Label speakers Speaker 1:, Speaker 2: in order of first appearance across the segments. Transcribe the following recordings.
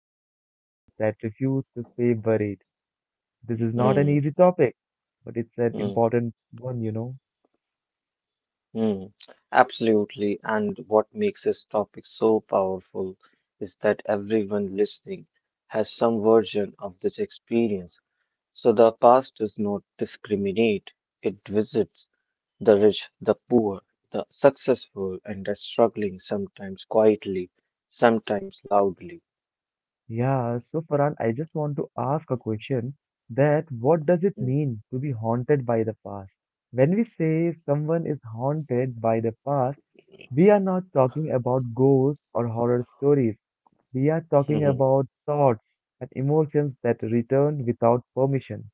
Speaker 1: and moments that refuse to stay buried. This is not an easy
Speaker 2: Hmm.
Speaker 1: topic, but it's an
Speaker 2: Hmm.
Speaker 1: important one.
Speaker 2: Hmm. Absolutely. And what makes this topic so powerful is that everyone listening has some version of this experience. So the past does not discriminate. It visits the rich, the poor, the successful, and the struggling, sometimes quietly, sometimes loudly.
Speaker 1: Yeah, so Farhan, I just want to ask a question that what does it
Speaker 2: Mm,
Speaker 1: mean to be haunted by the past? When we say someone is haunted by the past, we are not talking about ghosts or horror stories. We are talking
Speaker 2: mhm.
Speaker 1: about thoughts and emotions that return without permission,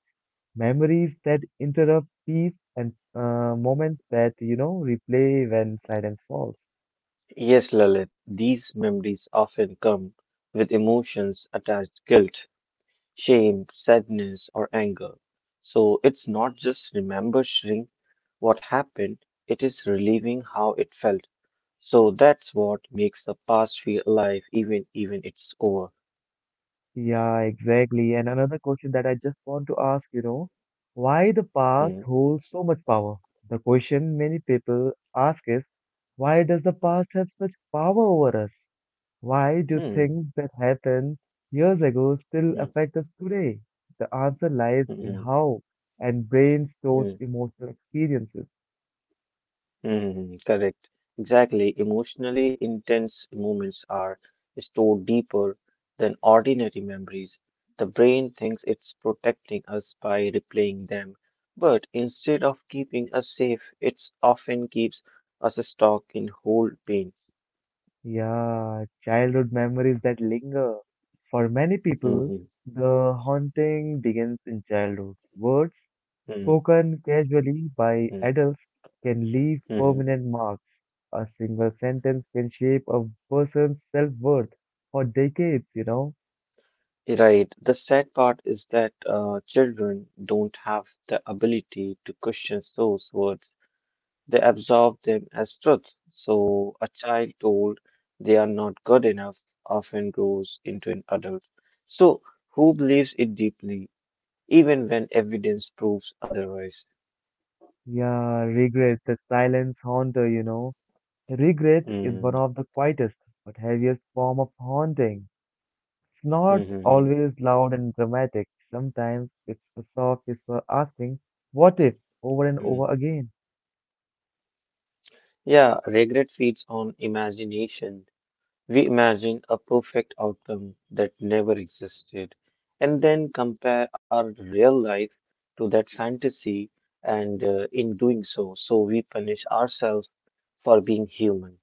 Speaker 1: memories that interrupt peace and moments that replay when silence falls.
Speaker 2: Yes, Lalit, these memories often come with emotions attached guilt, shame, sadness, or anger. So it's not just remembering what happened, it is relieving how it felt. So that's what makes the past feel alive even it's over.
Speaker 1: Yeah, exactly. And another question that I just want to ask, why the
Speaker 2: Hmm.
Speaker 1: past holds so much power? The question many people ask is, why does the past have such power over us? Why do
Speaker 2: Hmm.
Speaker 1: things that happened years ago still
Speaker 2: Hmm.
Speaker 1: affect us today? The answer
Speaker 2: Hmm.
Speaker 1: lies in
Speaker 2: Hmm,
Speaker 1: how and brain stores
Speaker 2: hmm.
Speaker 1: emotional experiences.
Speaker 2: Hmm, correct. Exactly. Emotionally intense moments are stored deeper than ordinary memories. The brain thinks it's protecting us by replaying them, but instead of keeping us safe, it often keeps us stuck in whole pain.
Speaker 1: Yeah, childhood memories that linger. For many people,
Speaker 2: Mhm,
Speaker 1: the haunting begins in childhood. Words
Speaker 2: mhm,
Speaker 1: spoken casually by
Speaker 2: mhm,
Speaker 1: adults can leave
Speaker 2: mhm.
Speaker 1: permanent marks. A single sentence can shape a person's self-worth for decades.
Speaker 2: Right. The sad part is that children don't have the ability to question those words. They absorb them as truth. So, a child told they are not good enough often grows into an adult. So, who believes it deeply, even when evidence proves otherwise?
Speaker 1: Yeah, regret, the silence haunter. Regret is one
Speaker 2: Hmm.
Speaker 1: of the quietest but heaviest form of haunting. It's
Speaker 2: Hmm.
Speaker 1: not
Speaker 2: Hmm, hmm,
Speaker 1: always loud and dramatic. Sometimes it's a soft whisper asking, what if, over and
Speaker 2: hmm.
Speaker 1: over again.
Speaker 2: Yeah, regret feeds on imagination. We imagine a perfect outcome that never existed and then compare our real life to that fantasy, and in doing so, we punish ourselves for being human.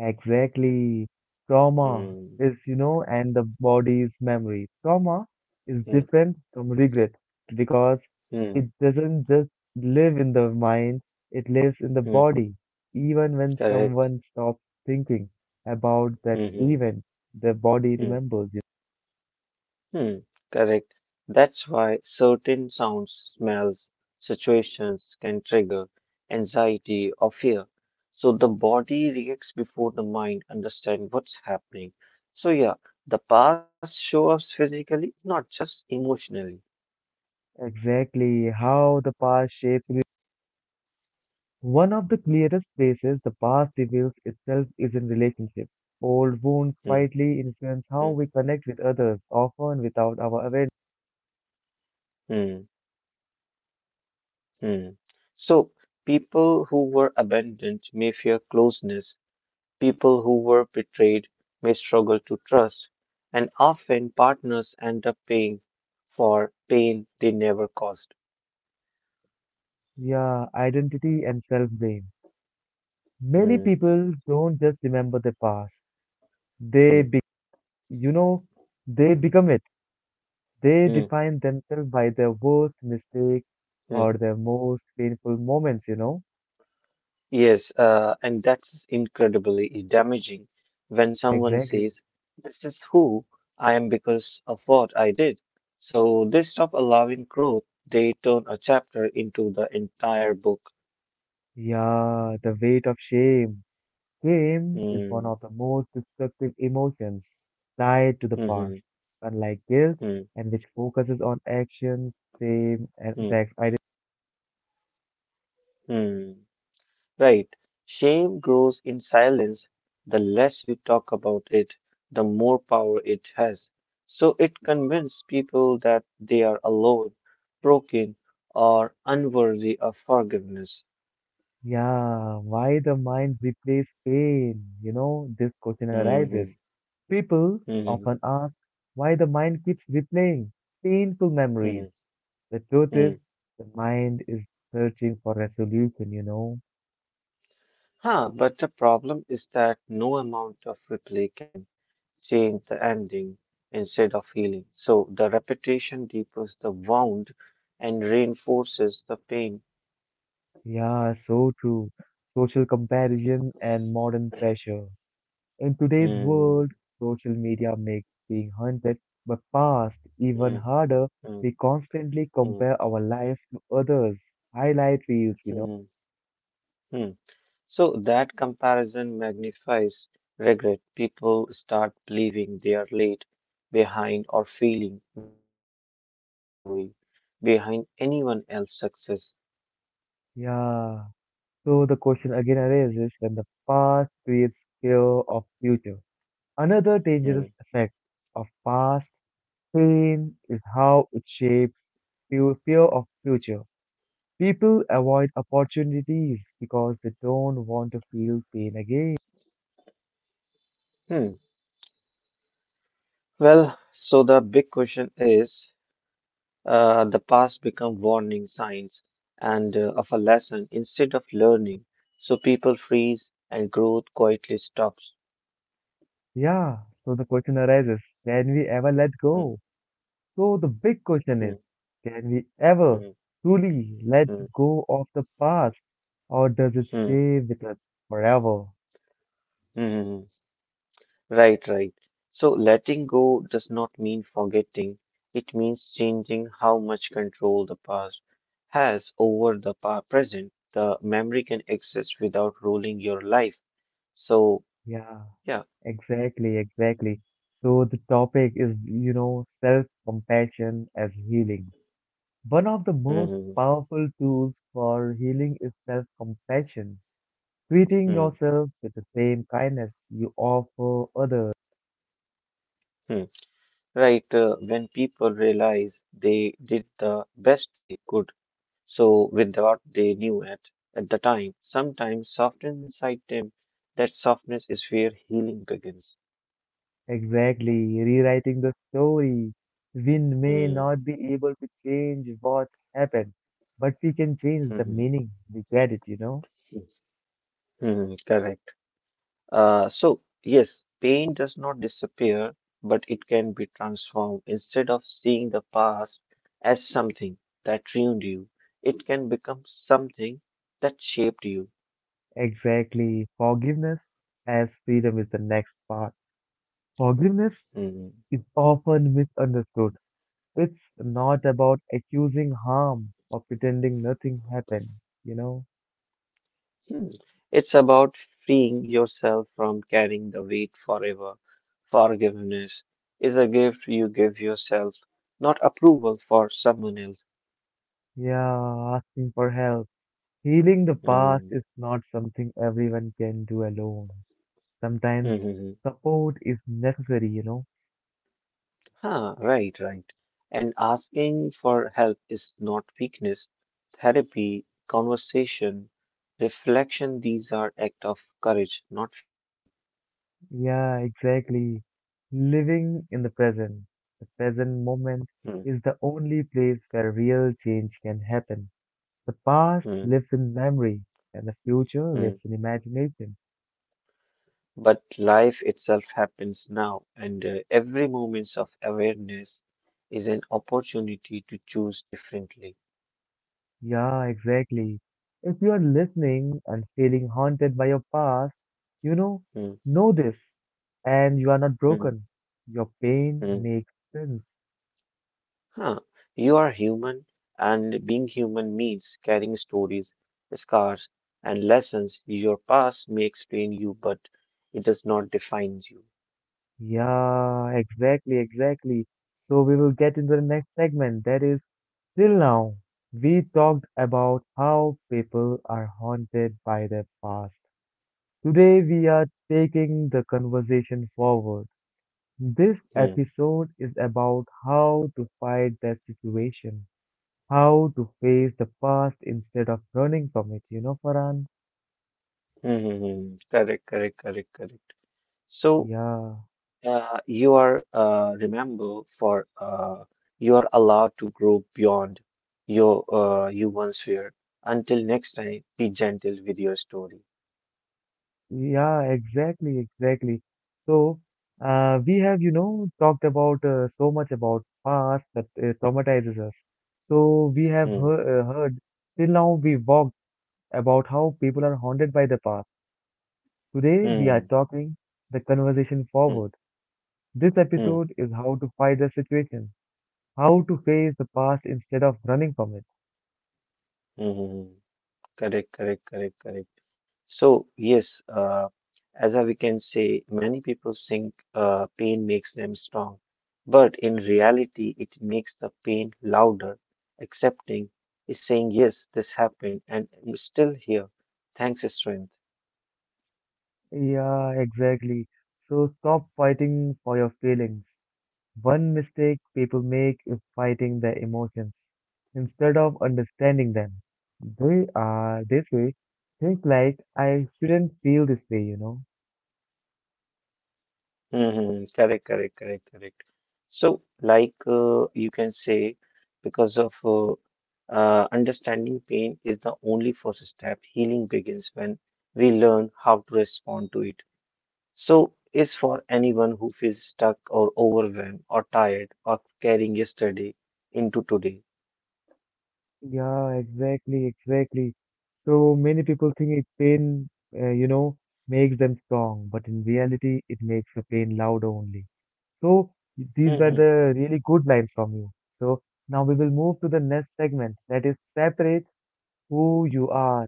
Speaker 1: Exactly. Trauma
Speaker 2: Hmm,
Speaker 1: is, you know, and the body's memory. Trauma is
Speaker 2: hmm,
Speaker 1: different from regret because
Speaker 2: hmm,
Speaker 1: it doesn't just live in the mind, it lives in the
Speaker 2: hmm,
Speaker 1: body. Even when
Speaker 2: correct.
Speaker 1: someone stops thinking about that
Speaker 2: Hmm, hmm,
Speaker 1: event, the body
Speaker 2: hmm.
Speaker 1: remembers.
Speaker 2: Hmm, correct. That's why certain sounds, smells, situations can trigger anxiety or fear. So the body reacts before the mind understands what's happening. So yeah, the past shows up physically, not just emotionally.
Speaker 1: Exactly how the past shapes. One of the clearest places the past reveals itself is in relationships. Old wounds
Speaker 2: Hmm,
Speaker 1: quietly influence how
Speaker 2: hmm,
Speaker 1: we connect with others, often without our awareness.
Speaker 2: hmm, hmm. So people who were abandoned may fear closeness, people who were betrayed may struggle to trust, and often partners end up paying for pain they never caused.
Speaker 1: Yeah, identity and self blame. Many
Speaker 2: Hmm,
Speaker 1: people don't just remember the past. They,
Speaker 2: hmm,
Speaker 1: be- you know, They become it. They
Speaker 2: hmm,
Speaker 1: define themselves by their worst mistakes
Speaker 2: hmm.
Speaker 1: or their most painful moments.
Speaker 2: Yes, and that's incredibly damaging when someone
Speaker 1: Exactly.
Speaker 2: says, "This is who I am because of what I did." So they stop allowing growth, they turn a chapter into the entire book.
Speaker 1: Yeah, the weight of shame. Shame is one
Speaker 2: Hmm,
Speaker 1: of the most destructive emotions tied to the
Speaker 2: hmm,
Speaker 1: past, unlike guilt,
Speaker 2: hmm,
Speaker 1: and which focuses on actions, shame, and
Speaker 2: hmm, hmm.
Speaker 1: impacts. I
Speaker 2: Hmm. Right. Shame grows in silence. The less we talk about it, the more power it has. So it convinces people that they are alone, broken, or unworthy of forgiveness.
Speaker 1: yeah, why the mind replays pain? You know, this question arises.
Speaker 2: Mhm,
Speaker 1: People often
Speaker 2: mhm,
Speaker 1: ask why the mind keeps replaying painful memories.
Speaker 2: mhm,
Speaker 1: The truth is,
Speaker 2: mhm.
Speaker 1: the mind is searching for resolution.
Speaker 2: Huh, but the problem is that no amount of replay can change the ending instead of healing. So the repetition deepens the wound and reinforces the pain.
Speaker 1: Yeah, so true. Social comparison and modern pressure. In today's
Speaker 2: Hmm.
Speaker 1: world, social media makes being hunted but fast even harder.
Speaker 2: Mm,
Speaker 1: We constantly
Speaker 2: mm,
Speaker 1: compare our lives to others. Highlight reels.
Speaker 2: mm, mm. So that comparison magnifies regret. People start believing they are late, behind, or failing without seeing the full story behind anyone else's success.
Speaker 1: Yeah. So the question again arises when the past creates fear of future. Another dangerous
Speaker 2: Mm,
Speaker 1: effect of past pain is how it shapes fear fear of future. People avoid opportunities because they don't want to feel pain again.
Speaker 2: mm. Well, so the big question is, the past become warning signs and of a lesson instead of learning. So people freeze and growth quietly stops.
Speaker 1: Yeah, so the question arises, can we ever let
Speaker 2: Mm,
Speaker 1: go? So the big question is,
Speaker 2: mm,
Speaker 1: can we ever
Speaker 2: mm,
Speaker 1: truly let
Speaker 2: mm,
Speaker 1: go of the past or does it
Speaker 2: mm,
Speaker 1: stay with us forever?
Speaker 2: mm. Mm. Right, right. So letting go does not mean forgetting. It means changing how much control the past has over the present. The memory can exist without ruling your life. So,
Speaker 1: Yeah,
Speaker 2: yeah.
Speaker 1: exactly. So the topic is self-compassion as healing. One of the most
Speaker 2: Hmm,
Speaker 1: powerful tools for healing is self-compassion, treating
Speaker 2: hmm,
Speaker 1: yourself with the same kindness you offer others.
Speaker 2: hmm. Right. When people realize they did the best they could, so with what they knew at the time, sometimes soften inside them. That softness is where healing begins.
Speaker 1: Exactly, rewriting the story. We may
Speaker 2: Hmm.
Speaker 1: not be able to change what happened, but we can change the
Speaker 2: Hmm,
Speaker 1: meaning we get it?
Speaker 2: hmm. Mhm, correct. So, yes, pain does not disappear, but it can be transformed. Instead of seeing the past as something that ruined you, it can become something that shaped you.
Speaker 1: Exactly, forgiveness as freedom is the next part. Forgiveness
Speaker 2: Mhm.
Speaker 1: is often misunderstood. It's not about accusing harm or pretending nothing happened, you know?
Speaker 2: Hmm. It's about freeing yourself from carrying the weight forever. Forgiveness is a gift you give yourself, not approval for someone else.
Speaker 1: Yeah, asking for help. Healing the past is not something everyone can do alone. Sometimes
Speaker 2: Mm-hmm.
Speaker 1: support is necessary?
Speaker 2: Huh, right, right. And asking for help is not weakness. Therapy, conversation, reflection, these are act of courage, not failure.
Speaker 1: Yeah, exactly. Living in the present moment
Speaker 2: Hmm,
Speaker 1: is the only place where real change can happen. The past
Speaker 2: hmm,
Speaker 1: lives in memory and the future
Speaker 2: hmm.
Speaker 1: lives in imagination.
Speaker 2: But life itself happens now, and every moment of awareness is an opportunity to choose differently.
Speaker 1: Yeah, exactly. If you are listening and feeling haunted by your past, you know,
Speaker 2: Hmm,
Speaker 1: know this, and you are not
Speaker 2: hmm,
Speaker 1: broken. Your pain
Speaker 2: hmm.
Speaker 1: makes sense.
Speaker 2: Huh. You are human, and being human means carrying stories, scars, and lessons. Your past may explain you, but it does not define you.
Speaker 1: Yeah, exactly. So we will get into the next segment. That is, till now, we talked about how people are haunted by their past. Today, we are taking the conversation forward. This
Speaker 2: Hmm.
Speaker 1: episode is about how to fight that situation. How to face the past instead of running from it, Farhan?
Speaker 2: Hmm, hmm, hmm. Correct, correct, correct, correct. So,
Speaker 1: Yeah,
Speaker 2: you are remember for you are allowed to grow beyond your you once feared. Until next time, be gentle with your story.
Speaker 1: yeah, exactly. So, we have talked about so much about past that traumatizes us. So, we have
Speaker 2: Hmm.
Speaker 1: heard till now we walked about how people are haunted by the past. Today, we are
Speaker 2: Hmm.
Speaker 1: talking the conversation
Speaker 2: Hmm.
Speaker 1: forward. This
Speaker 2: Hmm.
Speaker 1: episode is how to fight the situation, how to face the past instead of running from it.
Speaker 2: Hmm. Hmm, hmm. Correct, correct, correct, correct. So, yes, as we can say, many people think pain makes them strong, but in reality, it makes the pain louder. Accepting is saying, yes, this happened, and I'm still here. Thanks, strength.
Speaker 1: Yeah, exactly. So stop fighting for your feelings. One mistake people make is fighting their emotions instead of understanding them. They are this way, think like I shouldn't feel this way.
Speaker 2: Mm-hmm. Correct, correct, correct, correct. So, like you can say, because of understanding pain is the only first step. Healing begins when we learn how to respond to it. So, is for anyone who feels stuck or overwhelmed or tired or carrying yesterday into today.
Speaker 1: Yeah, exactly. So many people think it pain, uh, you know, makes them strong, but in reality, it makes the pain loud only. So these were
Speaker 2: Mm-hmm.
Speaker 1: the really good lines from you. So now we will move to the next segment that is separate who you are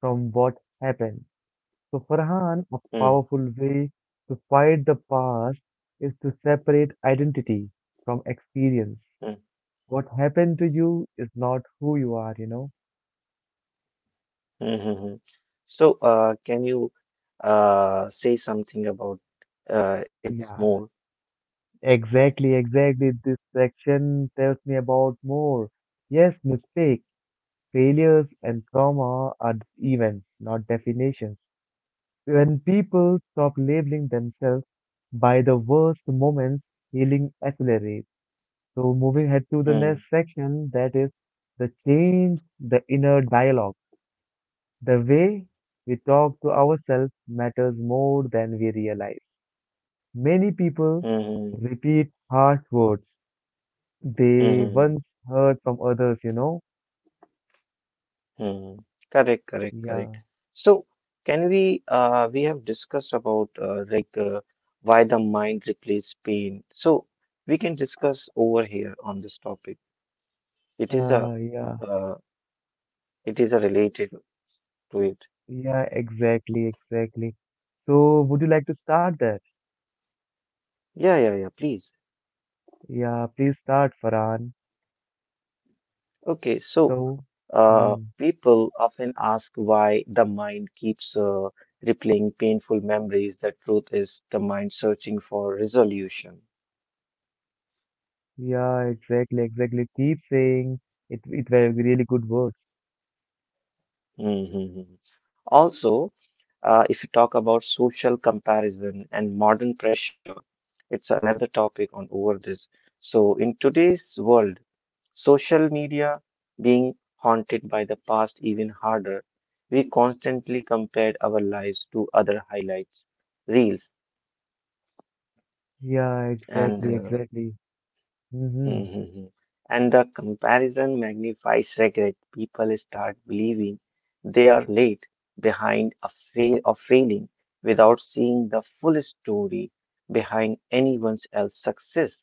Speaker 1: from what happened. So Farhan, a
Speaker 2: Mm-hmm.
Speaker 1: powerful way to fight the past is to separate identity from experience. What happened to you is not who you are.
Speaker 2: Mm-hmm. So, can you say something about it
Speaker 1: Yeah.
Speaker 2: more?
Speaker 1: Exactly. This section tells me about more. Yes, mistakes, failures, and trauma are events, not definitions. When people stop labeling themselves by the worst moments, healing accelerates. So, moving ahead to the
Speaker 2: Mm-hmm.
Speaker 1: next section, that is the change, the inner dialogue. The way we talk to ourselves matters more than we realize. Many people
Speaker 2: Mm-hmm.
Speaker 1: repeat harsh words they
Speaker 2: Mm-hmm.
Speaker 1: once heard from others?
Speaker 2: Hmm, hmm, hmm. Correct, correct, correct.
Speaker 1: Yeah.
Speaker 2: So, can we have discussed about like why the mind replaces pain. So, we can discuss over here on this topic. It is a,
Speaker 1: Uh, yeah.
Speaker 2: uh, it is a related
Speaker 1: So,
Speaker 2: to it.
Speaker 1: yeah, exactly, exactly. So, would you like to start that?
Speaker 2: Yeah, yeah, yeah, please.
Speaker 1: Yeah, please start, Farhan.
Speaker 2: Okay, so
Speaker 1: So, hmm,
Speaker 2: people often ask why the mind keeps replaying painful memories. The truth is the mind searching for resolution.
Speaker 1: yeah, exactly. Keep saying it, were really good words.
Speaker 2: Mm-hmm. Also, if you talk about social comparison and modern pressure, it's another topic on over this. So in today's world, social media being haunted by the past even harder, we constantly compared our lives to other highlights, reels,
Speaker 1: Yeah,
Speaker 2: and
Speaker 1: exactly, exactly. Mm-hmm.
Speaker 2: Mhm. And the comparison magnifies regret. People start believing they are late behind a fail of failing without seeing the full story behind anyone else's success.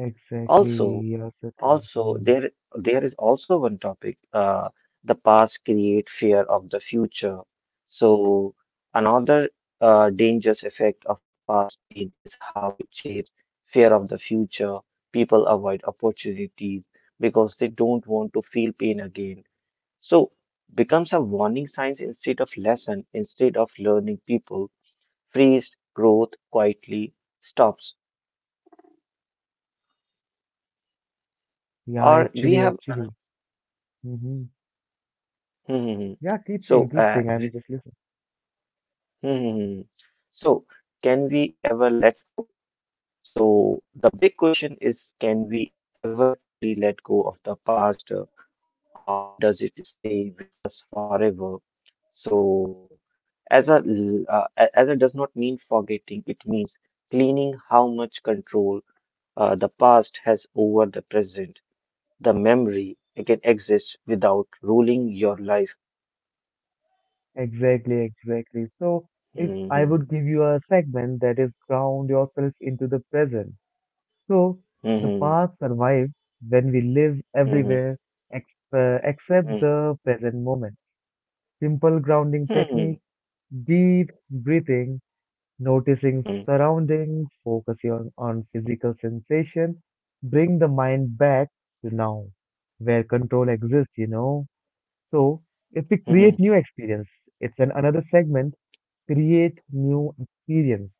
Speaker 1: Exactly,
Speaker 2: Also,
Speaker 1: yes, that's true.
Speaker 2: also,
Speaker 1: Hmm.
Speaker 2: there is also one topic. The past create fear of the future. So another dangerous effect of past pain is how it shapes fear of the future. People avoid opportunities because they don't want to feel pain again. So becomes a warning signs instead of lesson. Instead of learning, people freeze growth quietly stops.
Speaker 1: Yeah,
Speaker 2: Or we
Speaker 1: actually,
Speaker 2: have.
Speaker 1: actually. Mm-hmm. Yeah, keep
Speaker 2: So,
Speaker 1: saying, keep saying. I'm just listening.
Speaker 2: Hmm. So, can we ever let go? So, the big question is, can we ever truly let go of the past, or does it stay with us forever? So, as a does not mean forgetting, it means cleaning how much control the past has over the present. The memory it can exist without ruling your life.
Speaker 1: Exactly. So, if I
Speaker 2: Hmm.
Speaker 1: would give you a segment that is ground yourself into the present. So, the
Speaker 2: Hmm.
Speaker 1: past survives when we live
Speaker 2: Hmm.
Speaker 1: everywhere ex except
Speaker 2: Hmm.
Speaker 1: the present moment. Simple grounding
Speaker 2: Hmm. Hmm.
Speaker 1: technique, deep breathing, noticing
Speaker 2: Hmm.
Speaker 1: surroundings, focusing on physical sensation, bring the mind back to now, where control exists. So, if we create
Speaker 2: Hmm.
Speaker 1: new experience, it's an another segment create new experience.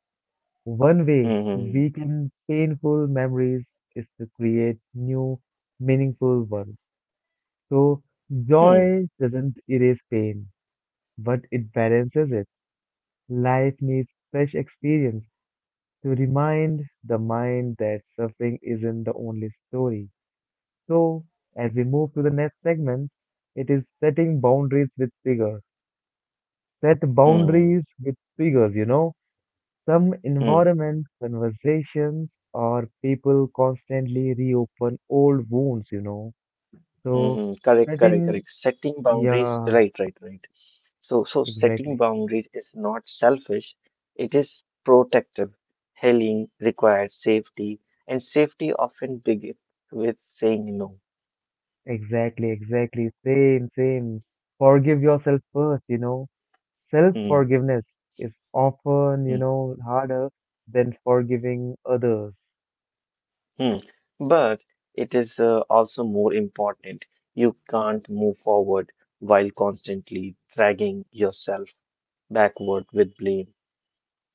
Speaker 1: One way we
Speaker 2: Mm-hmm.
Speaker 1: can painful memories is to create new meaningful ones. So
Speaker 2: Hmm.
Speaker 1: joy doesn't erase pain, but it balances it. Life needs fresh experience to remind the mind that suffering isn't the only story. So as we move to the next segment, it is setting boundaries with figure. Set
Speaker 2: Hmm. Hmm.
Speaker 1: boundaries with figures. Some
Speaker 2: Hmm.
Speaker 1: environments, conversations, or people constantly reopen old wounds.
Speaker 2: Hmm.
Speaker 1: So,
Speaker 2: Hmm. Correct, correct,
Speaker 1: setting,
Speaker 2: correct. Setting boundaries,
Speaker 1: yeah,
Speaker 2: right, right, right. So setting
Speaker 1: exactly,
Speaker 2: boundaries is not selfish, it is protective. Healing requires safety, and safety often begins with saying no.
Speaker 1: exactly. Same. Forgive yourself first.
Speaker 2: Hmm.
Speaker 1: Self-forgiveness is often, you
Speaker 2: Hmm.
Speaker 1: know, harder than forgiving others.
Speaker 2: Hmm. But it is also more important. You can't move forward while constantly dragging yourself backward with blame.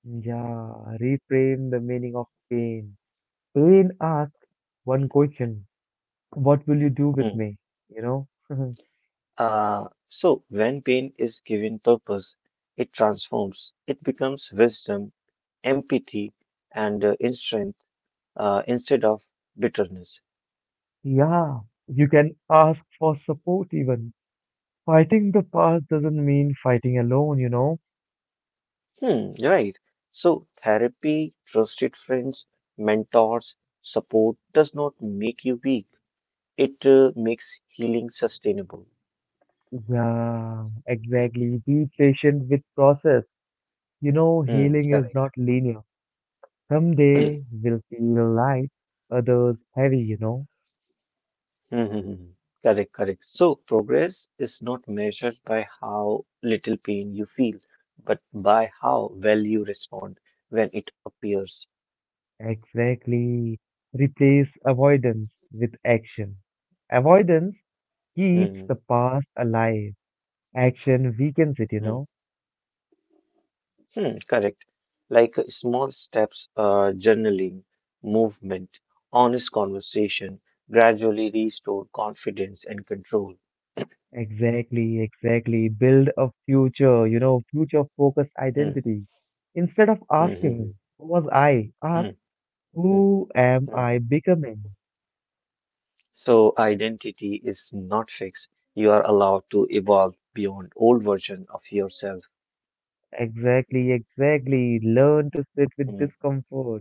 Speaker 1: Yeah, reframe the meaning of pain. Pain asks one question, what will you do
Speaker 2: Hmm.
Speaker 1: with me? You know?
Speaker 2: So, when pain is given purpose, it transforms, it becomes wisdom, empathy, and insight instead of bitterness.
Speaker 1: Yeah, you can ask for support even. Fighting the past doesn't mean fighting alone.
Speaker 2: Hmm, right. So, therapy, trusted friends, mentors, support does not make you weak, it makes healing sustainable.
Speaker 1: Yeah, exactly. Be patient with process. You know,
Speaker 2: Hmm,
Speaker 1: healing is not
Speaker 2: correct.
Speaker 1: linear. Some day will feel light, others heavy.
Speaker 2: Hmm. Correct, correct. So progress is not measured by how little pain you feel, but by how well you respond when it appears.
Speaker 1: Exactly. Replace avoidance with action. Avoidance keeps
Speaker 2: Mm-hmm.
Speaker 1: the past alive. Action weakens it, you
Speaker 2: Mm-hmm.
Speaker 1: know.
Speaker 2: Hmm, correct. Like small steps, journaling, movement, honest conversation gradually restore confidence and control.
Speaker 1: Exactly. Build a future, future focused
Speaker 2: Hmm,
Speaker 1: identity. Instead of asking,
Speaker 2: mm-hmm.
Speaker 1: who was I? Ask,
Speaker 2: Hmm, hmm,
Speaker 1: who am
Speaker 2: hmm.
Speaker 1: I becoming?
Speaker 2: So identity is not fixed. You are allowed to evolve beyond old version of yourself.
Speaker 1: Exactly. Learn to sit with
Speaker 2: Mm,
Speaker 1: discomfort.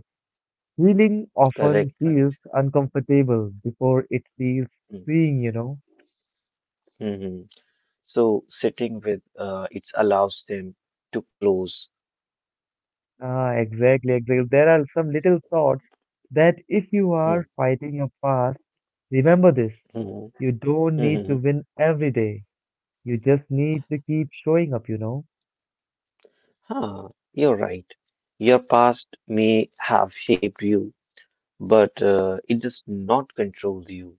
Speaker 1: Healing
Speaker 2: correct,
Speaker 1: often
Speaker 2: correct.
Speaker 1: feels uncomfortable before it feels
Speaker 2: Mm,
Speaker 1: freeing.
Speaker 2: hmm. So sitting with it allows them to close.
Speaker 1: Ah, exactly. There are some little thoughts that if you
Speaker 2: Hmm.
Speaker 1: are fighting your past, remember this.
Speaker 2: Hmm,
Speaker 1: You don't need
Speaker 2: hmm.
Speaker 1: to win every day. You just need to keep showing up.
Speaker 2: Huh, you're right. Your past may have shaped you, but it does not control you.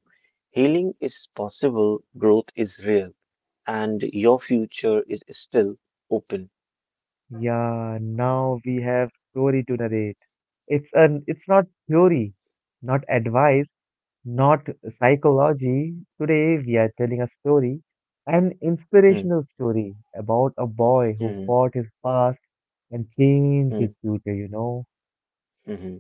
Speaker 2: Healing is possible, growth is real, and your future is still open.
Speaker 1: Yeah, now we have story to narrate. It's not theory, not advice, not psychology. Today we are telling a story, an
Speaker 2: Hmm.
Speaker 1: inspirational story about a boy who
Speaker 2: Mm-hmm.
Speaker 1: fought his past and changed
Speaker 2: Mm-hmm,
Speaker 1: his future.
Speaker 2: mm-hmm.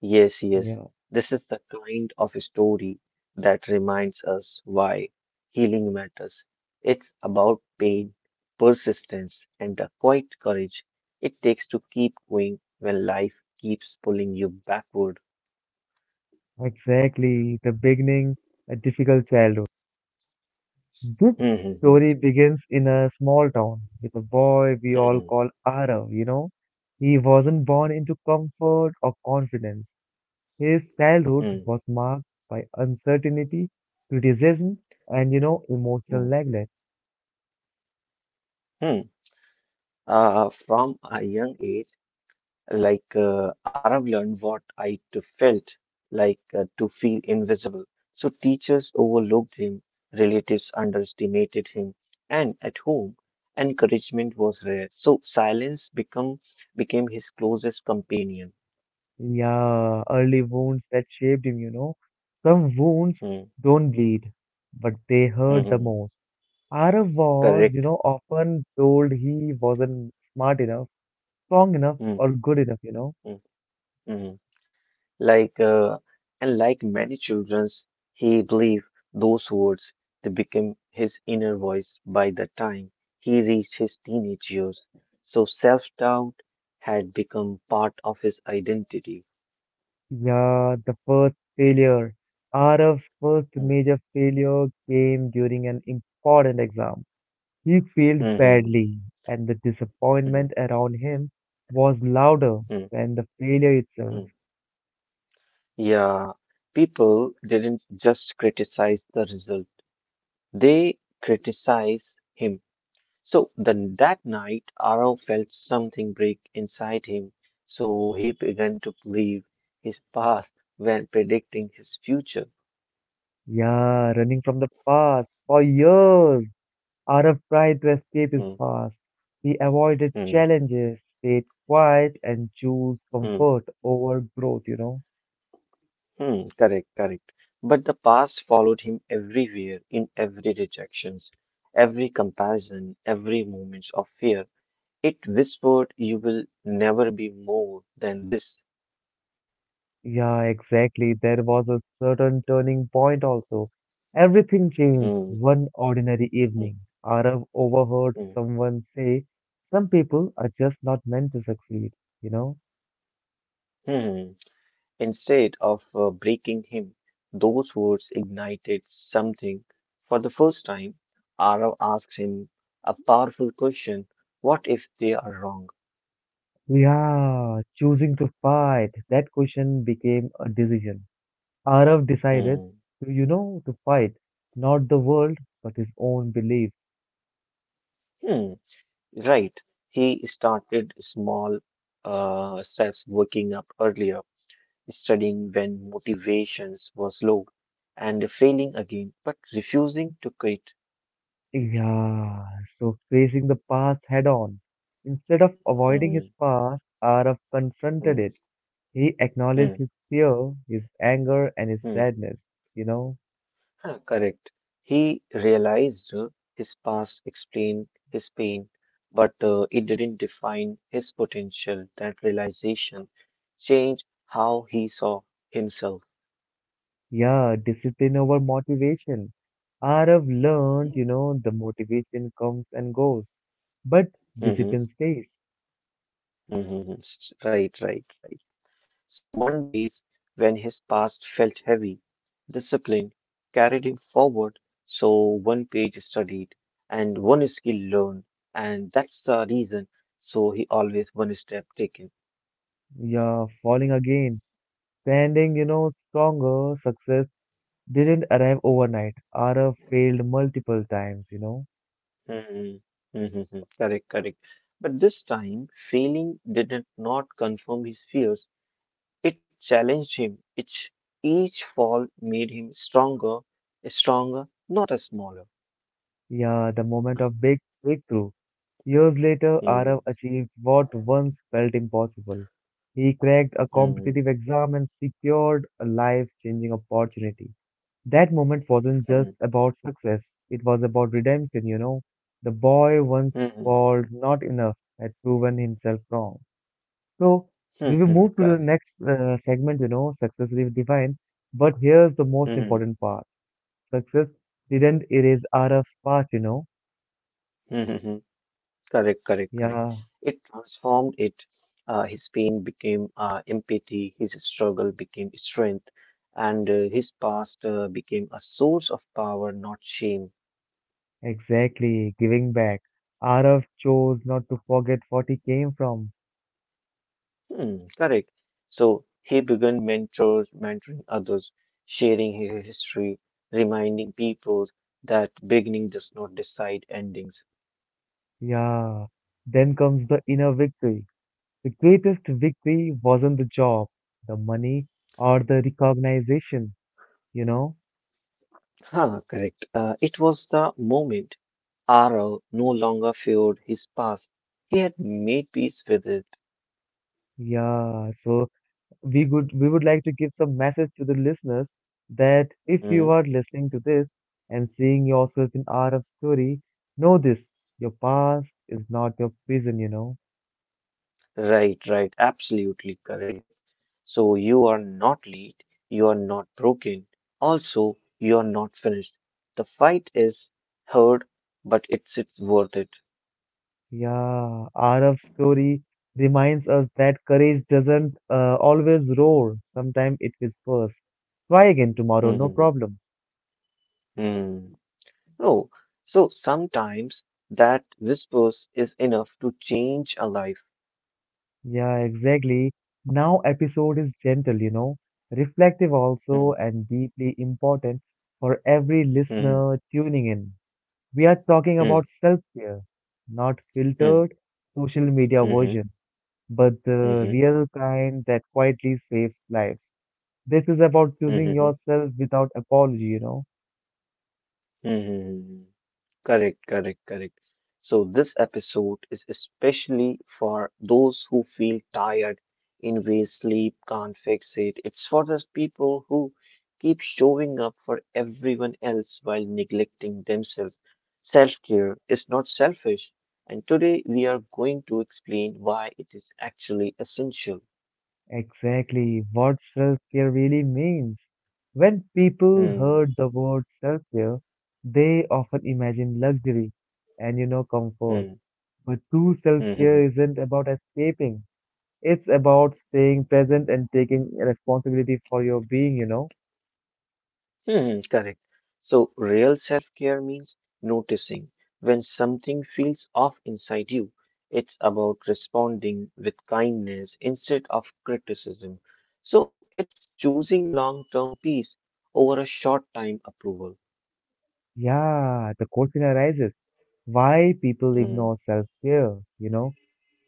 Speaker 2: Yes, yes.
Speaker 1: Yeah,
Speaker 2: This is the kind of story that reminds us why healing matters. It's about pain, persistence, and the quiet courage it takes to keep going when life keeps pulling you backward.
Speaker 1: exactly. The beginning, a difficult childhood. This
Speaker 2: Hmm, hmm,
Speaker 1: story
Speaker 2: hmm,
Speaker 1: begins in a small town with a boy we all
Speaker 2: hmm,
Speaker 1: call Arav. He wasn't born into comfort or confidence. His childhood
Speaker 2: hmm, hmm,
Speaker 1: was marked by uncertainty, criticism, and emotional
Speaker 2: hmm,
Speaker 1: neglect.
Speaker 2: hmm. From a young age, like Arav learned what I to felt like to feel invisible. So teachers overlooked him, relatives underestimated him, and at home, encouragement was rare. So silence become became his closest companion.
Speaker 1: Yeah, early wounds that shaped him. Some wounds
Speaker 2: Hmm,
Speaker 1: don't bleed, but they hurt
Speaker 2: hmm,
Speaker 1: the
Speaker 2: hmm.
Speaker 1: most. Arav was
Speaker 2: Correct.
Speaker 1: often told he wasn't smart enough, strong enough, or
Speaker 2: Hmm,
Speaker 1: good enough.
Speaker 2: hmm, hmm. Like uh, and like many childrens, he believed those words. They became his inner voice by the time he reached his teenage years. So self-doubt had become part of his identity.
Speaker 1: Yeah, the first failure. Arav's first
Speaker 2: Mm,
Speaker 1: major failure came during an important exam. He failed
Speaker 2: mm, mm,
Speaker 1: badly, and the disappointment
Speaker 2: mm,
Speaker 1: around him was louder
Speaker 2: mm,
Speaker 1: than the failure itself.
Speaker 2: mm. Yeah, people didn't just criticize the result; they criticized him. So then that night, Arav felt something break inside him, so he began to believe his past when predicting his future.
Speaker 1: Yeah, running from the past. For years, Arav tried to escape his
Speaker 2: Hmm,
Speaker 1: past. He avoided
Speaker 2: hmm,
Speaker 1: challenges, stayed quiet, and chose
Speaker 2: hmm,
Speaker 1: comfort over growth.
Speaker 2: hmm, correct, correct. But the past followed him everywhere, in every rejections, every comparison, every moment of fear. It whispered, "You will never be more than this."
Speaker 1: Yeah, exactly. There was a certain turning point also. Everything changed
Speaker 2: Hmm,
Speaker 1: one ordinary
Speaker 2: hmm,
Speaker 1: evening. Arav overheard
Speaker 2: hmm,
Speaker 1: someone say, "Some people are just not meant to succeed," you know?
Speaker 2: hmm. Hmm. Instead of breaking him, those words ignited something. For the first time, Arav asked him a powerful question: what if they are wrong?
Speaker 1: Yeah, choosing to fight. That question became a decision. Arav decided
Speaker 2: Hmm.
Speaker 1: to fight, not the world, but his own belief.
Speaker 2: Hmm. Right. He started small steps, waking up earlier, studying when motivations was low, and failing again, but refusing to quit.
Speaker 1: Yeah, so facing the past head on. Instead of avoiding his
Speaker 2: Hmm.
Speaker 1: past, Arav confronted
Speaker 2: Hmm.
Speaker 1: it. He acknowledged
Speaker 2: Hmm.
Speaker 1: his fear, his anger, and his
Speaker 2: Hmm.
Speaker 1: sadness. You know,
Speaker 2: Huh, correct. He realized his past explained his pain, but it didn't define his potential. That realization changed how he saw himself.
Speaker 1: yeah, discipline over motivation. Arav learned, the motivation comes and goes, but
Speaker 2: Mm-hmm,
Speaker 1: discipline stays.
Speaker 2: mm-hmm, right, right, right. So one days when his past felt heavy, discipline carried him forward. So one page studied and one skill learned, and that's the reason. So he always one step taken.
Speaker 1: Yeah, falling again, standing, stronger. Success didn't arrive overnight. Arav failed multiple times.
Speaker 2: Mm, mm, mm, mm. Correct, correct. But this time, failing did not confirm his fears. It challenged him. Each fall made him stronger, stronger, not a smaller.
Speaker 1: Yeah, the moment of big breakthrough. Years later, Arav
Speaker 2: Mm,
Speaker 1: achieved what once felt impossible. He cracked a competitive
Speaker 2: mm,
Speaker 1: exam and secured a life-changing opportunity. That moment wasn't just
Speaker 2: mm,
Speaker 1: about success, it was about redemption. The boy once
Speaker 2: mm,
Speaker 1: called not enough had proven himself wrong. So,
Speaker 2: mm,
Speaker 1: we will
Speaker 2: mm,
Speaker 1: move to the
Speaker 2: correct.
Speaker 1: next segment, success is defined. But here's the most
Speaker 2: Mm,
Speaker 1: important part. Success didn't erase Araf's past.
Speaker 2: mm, mm, mm. Correct, correct, correct.
Speaker 1: Yeah,
Speaker 2: It transformed it. His pain became empathy, his struggle became strength, and his past became a source of power, not shame.
Speaker 1: exactly, giving back. Arav chose not to forget what he came from.
Speaker 2: Hmm, correct. So he began mentors, mentoring others, sharing his history, reminding people that beginning does not decide endings.
Speaker 1: Yeah. Then comes the inner victory. The greatest victory wasn't the job, the money, or the recognition, you know?
Speaker 2: Huh, correct. It was the moment Arrow no longer feared his past. He had made peace with it.
Speaker 1: Yeah. So we would like to give some message to the listeners that if
Speaker 2: Hmm?
Speaker 1: you are listening to this and seeing yourself in Arav's story, know this, your past is not your prison.
Speaker 2: Right, right, absolutely correct. So you are not late, you are not broken, also you are not finished. The fight is hard, but it's worth it.
Speaker 1: Yeah, Araf's story reminds us that courage doesn't always roar. Sometimes it whispers. Try again tomorrow, no
Speaker 2: Mm-hmm.
Speaker 1: problem.
Speaker 2: Mm-hmm. Oh, so sometimes that whispers is enough to change a life.
Speaker 1: Yeah, exactly. Now episode is gentle, reflective
Speaker 2: Mm-hmm.
Speaker 1: also and deeply important for every
Speaker 2: Mm-hmm.
Speaker 1: listener tuning in. We are talking about
Speaker 2: Mm-hmm.
Speaker 1: self-care, not filtered social media
Speaker 2: Mm-hmm.
Speaker 1: version, but the
Speaker 2: Mm-hmm.
Speaker 1: real kind that quietly saves lives. This is about choosing
Speaker 2: Mm-hmm.
Speaker 1: yourself without apology.
Speaker 2: Mm-hmm, mm-hmm. Correct, correct, correct. So this episode is especially for those who feel tired in ways sleep can't fix it. It's for those people who keep showing up for everyone else while neglecting themselves. Self care is not selfish. And today we are going to explain why it is actually essential.
Speaker 1: Exactly what self care really means. When people
Speaker 2: Hmm,
Speaker 1: heard the word self care, they often imagine luxury and comfort.
Speaker 2: hmm,
Speaker 1: But true self
Speaker 2: hmm,
Speaker 1: care
Speaker 2: hmm,
Speaker 1: isn't about escaping, it's about staying present and taking responsibility for your being.
Speaker 2: hmm, correct. So real self care means noticing when something feels off inside you. It's about responding with kindness instead of criticism. So it's choosing long term peace over a short time approval.
Speaker 1: Yeah, the question arises why people ignore
Speaker 2: Hmm,
Speaker 1: self care.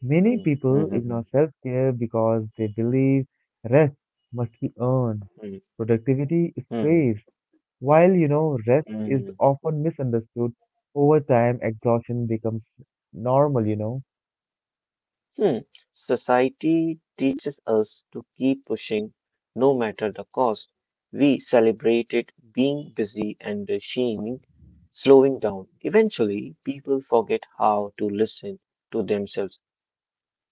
Speaker 1: Many
Speaker 2: hmm,
Speaker 1: people
Speaker 2: hmm,
Speaker 1: ignore
Speaker 2: hmm,
Speaker 1: self-care because they believe rest must be earned.
Speaker 2: hmm,
Speaker 1: Productivity is
Speaker 2: hmm,
Speaker 1: praised, while rest
Speaker 2: hmm,
Speaker 1: is
Speaker 2: hmm.
Speaker 1: often misunderstood. Over time, exhaustion becomes normal.
Speaker 2: Hmm. Society teaches us to keep pushing no matter the cost. We celebrated being busy and shaming slowing down. Eventually, people forget how to listen to themselves.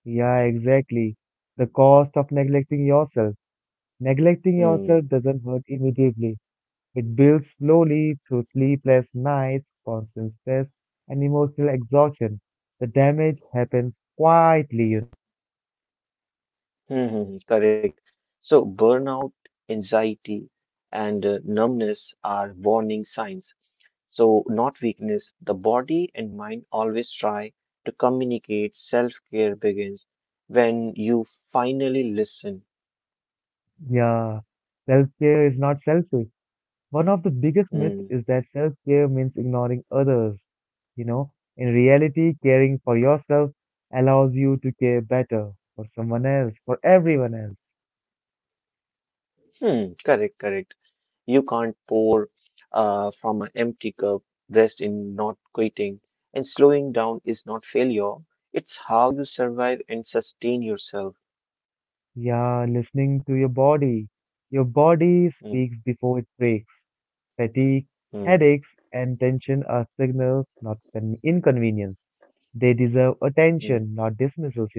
Speaker 1: Yeah, exactly. The cost of neglecting yourself. Neglecting yourself
Speaker 2: Hmm.
Speaker 1: doesn't hurt immediately. It builds slowly through sleepless nights, constant stress, and emotional exhaustion. The damage happens quietly, you
Speaker 2: Hmm. Hmm, hmm, correct. So burnout, anxiety, and numbness are warning signs. So not weakness, the body and mind always try to communicate. Self care begins when you finally listen.
Speaker 1: Yeah, self-care is not selfish. One of the biggest myths
Speaker 2: Hmm.
Speaker 1: is that self-care means ignoring others. You know, in reality, caring for yourself allows you to care better for someone else, for everyone else.
Speaker 2: Hmm. Correct, correct. You can't pour from an empty cup, rest in not quitting. And slowing down is not failure, it's how you survive and sustain yourself.
Speaker 1: Yeah, listening to your body. Your body
Speaker 2: Hmm.
Speaker 1: speaks before it breaks. Fatigue,
Speaker 2: Hmm.
Speaker 1: headaches, and tension are signals, not an inconvenience. They deserve
Speaker 2: Hmm.
Speaker 1: attention, not dismissals.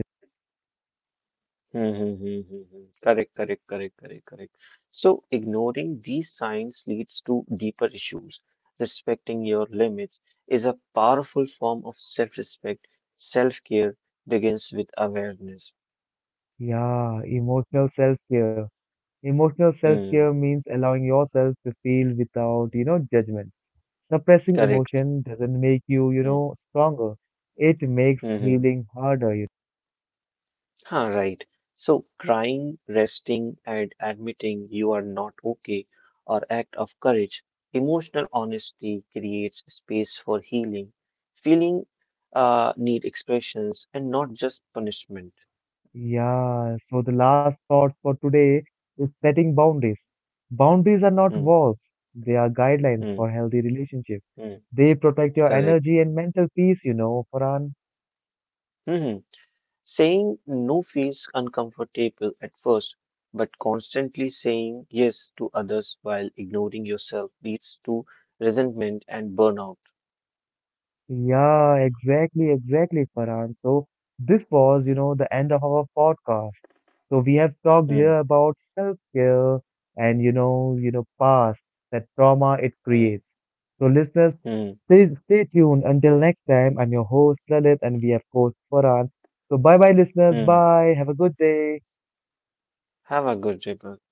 Speaker 2: Hmm, hmm, hmm, hmm, hmm. Correct, correct, correct, correct, correct. So ignoring these signs leads to deeper issues. Respecting your limits is a powerful form of self-respect. Self-care begins with awareness.
Speaker 1: Yeah, emotional self-care. Emotional self-care
Speaker 2: Hmm,
Speaker 1: means allowing yourself to feel without judgment. Suppressing
Speaker 2: correct.
Speaker 1: emotion doesn't make you, you
Speaker 2: Hmm,
Speaker 1: know, stronger. It makes
Speaker 2: hmm, hmm.
Speaker 1: healing harder. You
Speaker 2: Huh, right. So crying, resting, and admitting you are not okay are act of courage. Emotional honesty creates space for healing. Feeling need expressions and not just punishment.
Speaker 1: Yeah, so the last thought for today is setting boundaries. Boundaries are not
Speaker 2: Hmm,
Speaker 1: walls, they are guidelines
Speaker 2: hmm,
Speaker 1: for healthy relationships.
Speaker 2: hmm.
Speaker 1: They protect your
Speaker 2: Correct.
Speaker 1: energy and mental peace, Farhan.
Speaker 2: Hmm. Saying no feels uncomfortable at first, but constantly saying yes to others while ignoring yourself leads to resentment and burnout.
Speaker 1: Yeah, exactly, exactly, Farhan. So this was, the end of our podcast. So we have talked
Speaker 2: Hmm,
Speaker 1: here about self-care and past, that trauma it
Speaker 2: hmm,
Speaker 1: creates. So listeners,
Speaker 2: hmm,
Speaker 1: stay tuned until next time. I'm your host, Lalit, and we have host Farhan. So bye bye, listeners.
Speaker 2: hmm.
Speaker 1: Bye. Have a good day.
Speaker 2: Have a good reboot.